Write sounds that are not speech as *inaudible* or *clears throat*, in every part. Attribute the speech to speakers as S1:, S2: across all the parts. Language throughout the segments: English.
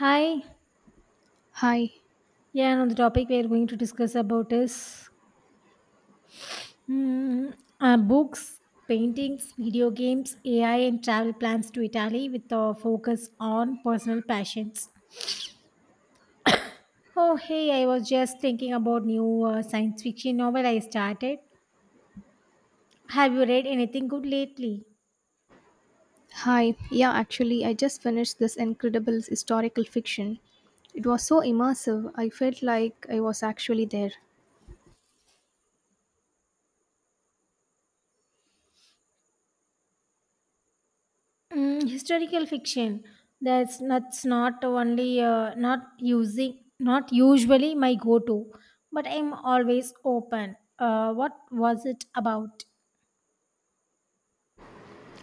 S1: Hi,
S2: Hi,
S1: yeah, and on the topic we are going to discuss about is books, paintings, video games, AI, and travel plans to Italy with a focus on personal passions. Oh, hey, I was just thinking about new science fiction novel I started. Have you read anything good lately?
S2: hi. Yeah, actually, I just finished this incredible historical fiction. It was so immersive, I felt like I was actually there.
S1: Mm, historical fiction. That's not only not usually my go-to, but I'm always open. What was it about?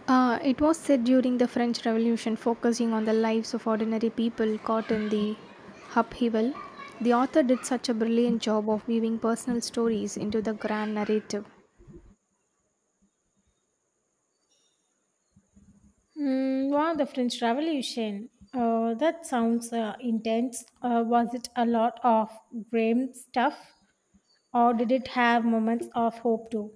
S2: It was set during the French Revolution, focusing on the lives of ordinary people caught in the upheaval. The author did such a brilliant job of weaving personal stories into the grand narrative.
S1: Mm, wow, the French Revolution. That sounds intense. Was it a lot of grim stuff, or did it have moments of hope too?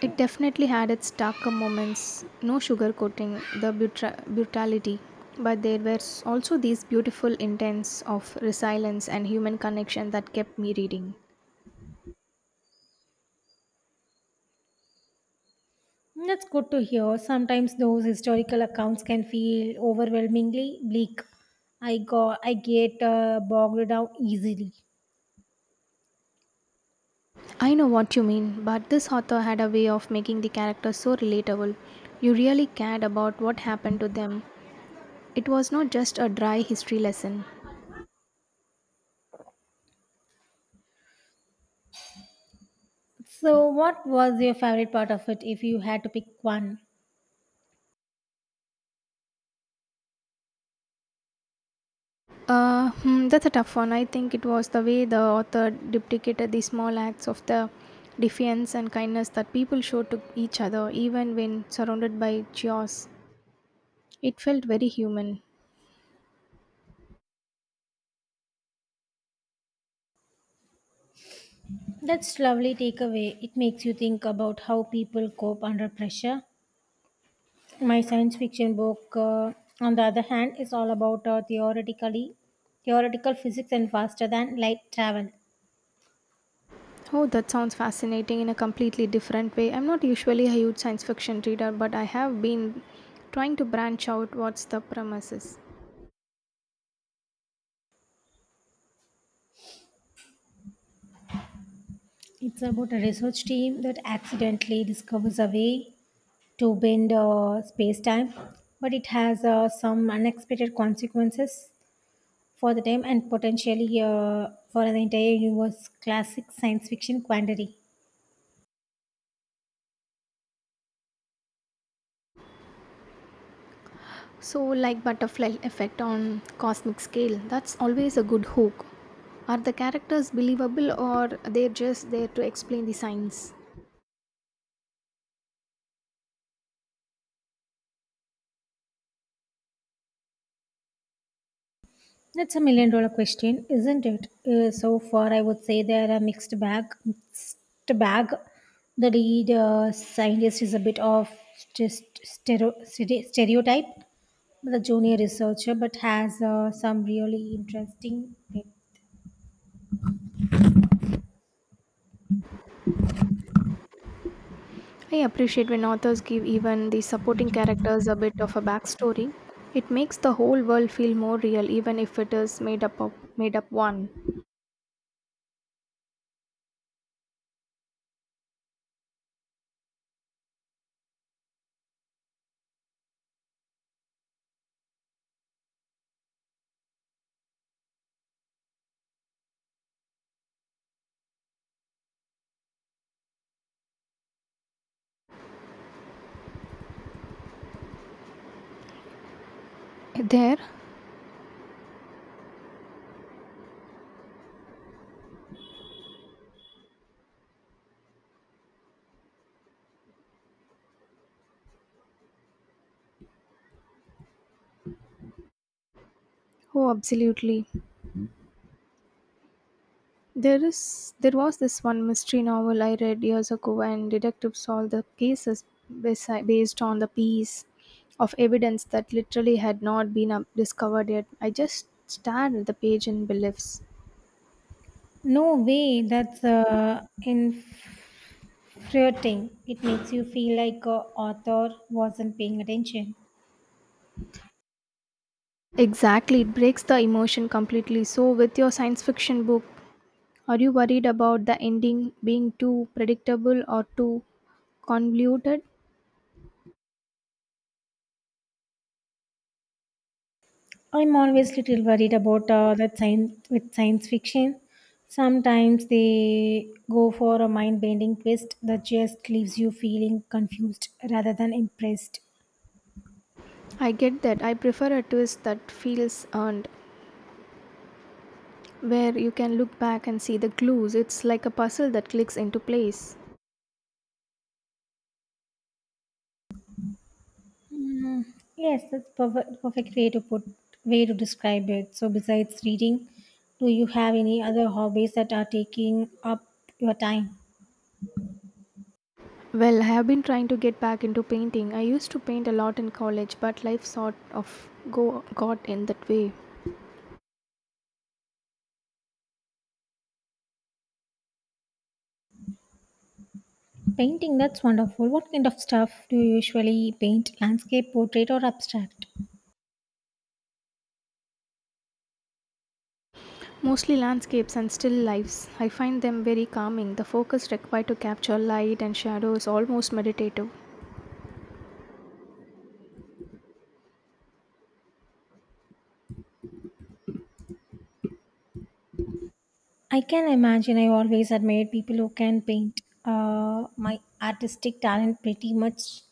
S2: It definitely had its darker moments, no sugarcoating the brutality, but there were also these beautiful intents of resilience and human connection that kept me reading.
S1: That's good to hear. Sometimes those historical accounts can feel overwhelmingly bleak. I get bogged down easily.
S2: I know what you mean, but this author had a way of making the characters so relatable. You really cared about what happened to them. It was not just a dry history lesson.
S1: So, what was your favorite part of it if you had to pick one?
S2: That's a tough one. I think it was the way the author duplicated the small acts of the defiance and kindness that people showed to each other, even when surrounded by chaos. It felt very human.
S1: That's lovely takeaway. It makes you think about how people cope under pressure. My science fiction book, on the other hand, is all about theoretical physics and faster than light travel.
S2: Oh, that sounds fascinating in a completely different way. I'm not usually a huge science fiction reader, but I have been trying to branch out what's the premises.
S1: It's about a research team that accidentally discovers a way to bend space time, but it has some unexpected consequences for the time and potentially for the entire universe. Classic science fiction quandary.
S2: So, like butterfly effect on cosmic scale, that's always a good hook. Are the characters believable or they're just there to explain the science?
S1: That's a million dollar question, isn't it? So far, I would say they're a mixed bag. Mixed bag. The lead scientist is a bit of stereotype. The junior researcher, but has some really interesting.
S2: I appreciate when authors give even the supporting characters a bit of a backstory. It makes the whole world feel more real even if it is made up of made up one. There? Oh, absolutely. There was this one mystery novel I read years ago, and detectives solved the cases based on the piece of evidence that literally had not been discovered yet. I just stared at the page in beliefs.
S1: No way. That's infuriating. It makes you feel like author wasn't paying attention.
S2: Exactly, it breaks the emotion completely. So, with your science fiction book, are you worried about the ending being too predictable or too convoluted?
S1: I'm always little worried about that science with science fiction. Sometimes they go for a mind-bending twist that just leaves you feeling confused rather than impressed.
S2: I get that. I prefer a twist that feels earned, where you can look back and see the clues. It's like a puzzle that clicks into place.
S1: Mm, yes, that's perfect, perfect way to put way to describe it. So besides reading, do you have any other hobbies that are taking up your time?
S2: Well, I have been trying to get back into painting. I used to paint a lot in college, but life sort of got in that way.
S1: Painting, that's wonderful. What kind of stuff do you usually paint? Landscape, portrait, or abstract?
S2: Mostly landscapes and still lifes. I find them very calming. The focus required to capture light and shadow is almost meditative.
S1: I can imagine I always admired people who can paint. My artistic talent pretty much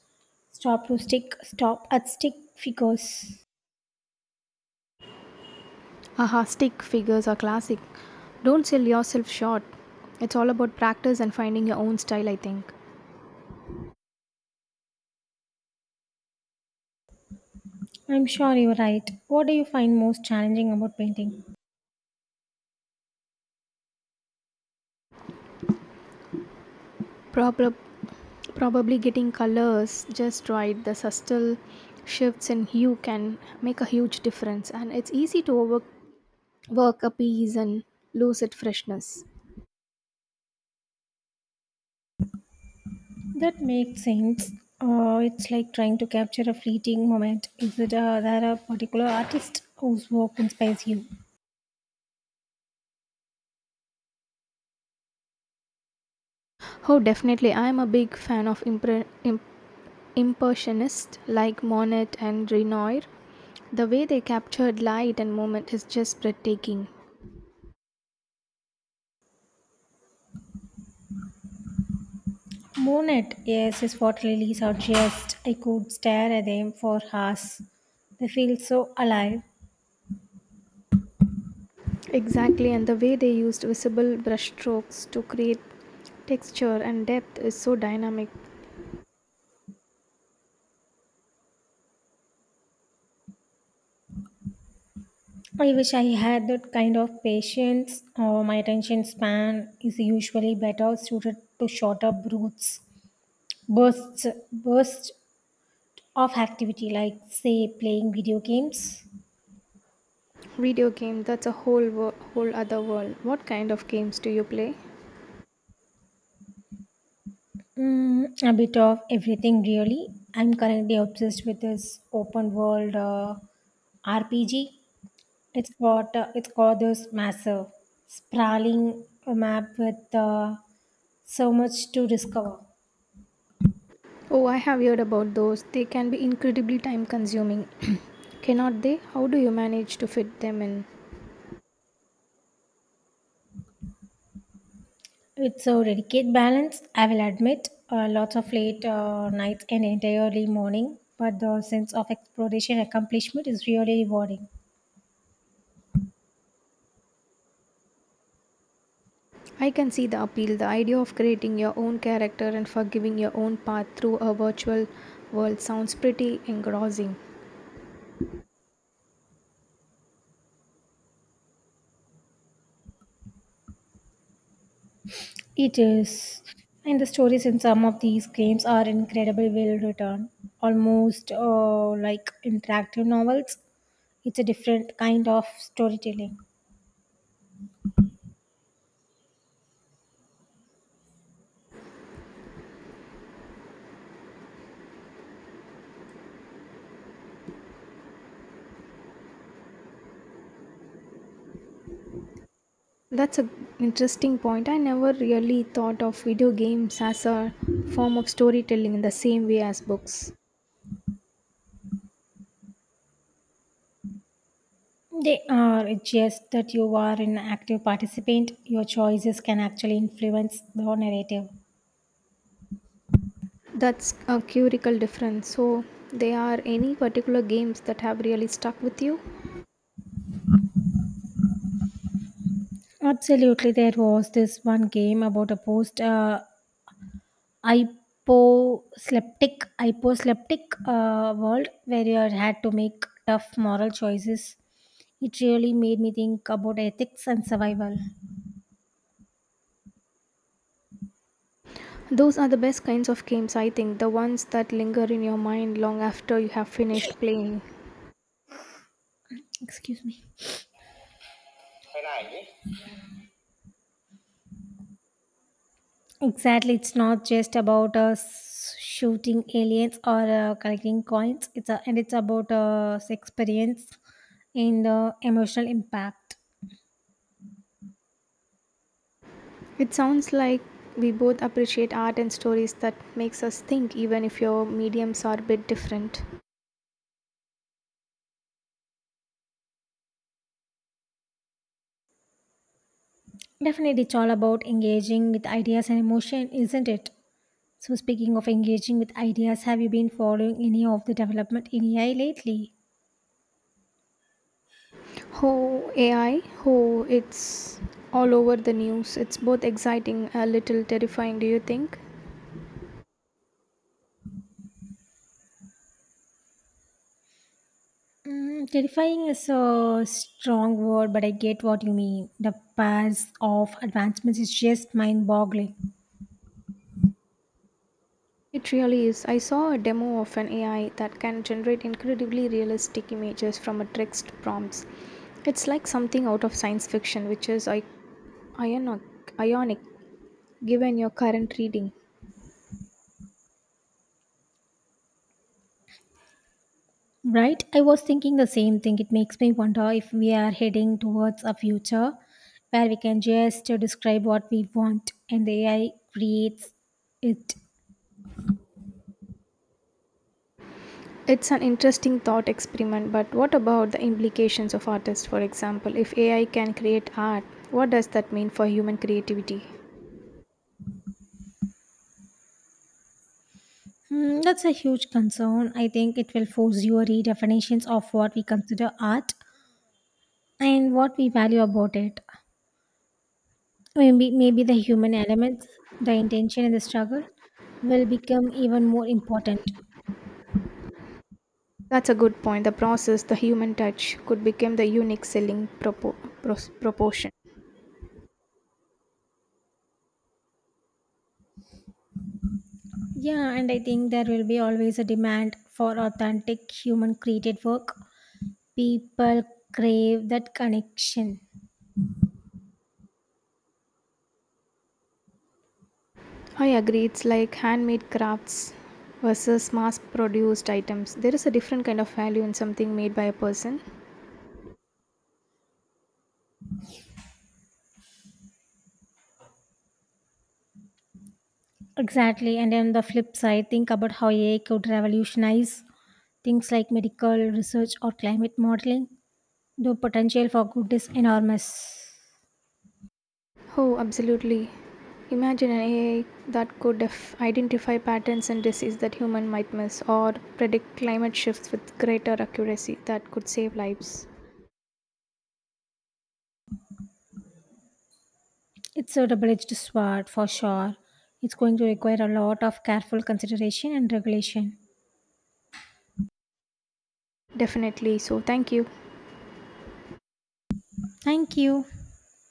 S1: stopped to stick stop at stick figures.
S2: Aha, stick figures are classic. Don't sell yourself short. It's all about practice and finding your own style, I think.
S1: I'm sure you're right. What do you find most challenging about painting?
S2: Proper Probably getting colors just right, the subtle shifts in hue can make a huge difference, and it's easy to overwork a piece and lose its freshness.
S1: That makes sense. It's like trying to capture a fleeting moment. Is it there a particular artist whose work inspires you?
S2: Oh definitely, I am a big fan of impressionists like Monet and Renoir. The way they captured light and movement is just breathtaking.
S1: Monet, yes, his water lilies are just. I could stare at them for hours. They feel so alive.
S2: Exactly, and the way they used visible brushstrokes to create texture and depth is so dynamic.
S1: I wish I had that kind of patience, or my attention span is usually better suited to shorter bursts, bursts of activity, like, say, playing video games.
S2: Video game, that's a whole other world. What kind of games do you play?
S1: Mm, a bit of everything, really. I'm currently obsessed with this open world RPG. It's got, this massive, sprawling map with so much to discover.
S2: Oh, I have heard about those. They can be incredibly time consuming. *clears throat* Cannot they? How do you manage to fit them in?
S1: It's a delicate balance, I will admit. Lots of late nights and entire early morning, but the sense of exploration and accomplishment is really rewarding.
S2: I can see the appeal, the idea of creating your own character and forgiving your own path through a virtual world sounds pretty engrossing.
S1: It is. And the stories in some of these games are incredibly well written, almost like interactive novels. It's a different kind of storytelling.
S2: That's an interesting point. I never really thought of video games as a form of storytelling in the same way as books.
S1: They are just that you are an active participant. Your choices can actually influence the narrative.
S2: That's a curical difference. So, there are any particular games that have really stuck with you?
S1: Absolutely, there was this one game about a post hyposleptic hyposleptic world where you had to make tough moral choices. It really made me think about ethics and survival.
S2: Those are the best kinds of games, I think, the ones that linger in your mind long after you have finished playing.
S1: Excuse me. Exactly, it's not just about us shooting aliens or collecting coins. It's about experience and emotional impact.
S2: It sounds like we both appreciate art and stories that makes us think even if your mediums are a bit different.
S1: Definitely, it's all about engaging with ideas and emotion, isn't it? So, speaking of engaging with ideas, have you been following any of the development in AI lately?
S2: Oh, AI, oh, it's all over the news. It's both exciting a little terrifying, do you think?
S1: Mm, terrifying is a strong word, but I get what you mean. The pace of advancements is just mind boggling.
S2: It really is. I saw a demo of an AI that can generate incredibly realistic images from a text prompts. It's like something out of science fiction, which is ionic given your current reading.
S1: Right? I was thinking the same thing. It makes me wonder if we are heading towards a future where we can just describe what we want and the AI creates it.
S2: It's an interesting thought experiment, but what about the implications of artists, for example? If AI can create art, what does that mean for human creativity?
S1: Hmm, that's a huge concern. I think it will force your redefinitions of what we consider art and what we value about it. Maybe the human elements, the intention, and the struggle will become even more important.
S2: That's a good point. The process, the human touch, could become the unique selling proportion.
S1: Yeah, and I think there will be always a demand for authentic human created work. People crave that connection.
S2: I agree. It's like handmade crafts versus mass produced items. There is a different kind of value in something made by a person.
S1: Exactly. And on the flip side, think about how AI could revolutionize things like medical research or climate modeling. The potential for good is enormous.
S2: Oh, absolutely. Imagine an AI that could identify patterns and disease that human might miss or predict climate shifts with greater accuracy that could save lives.
S1: It's a double edged sword for sure. It's going to require a lot of careful consideration and regulation.
S2: Definitely. So, thank you.
S1: Thank you.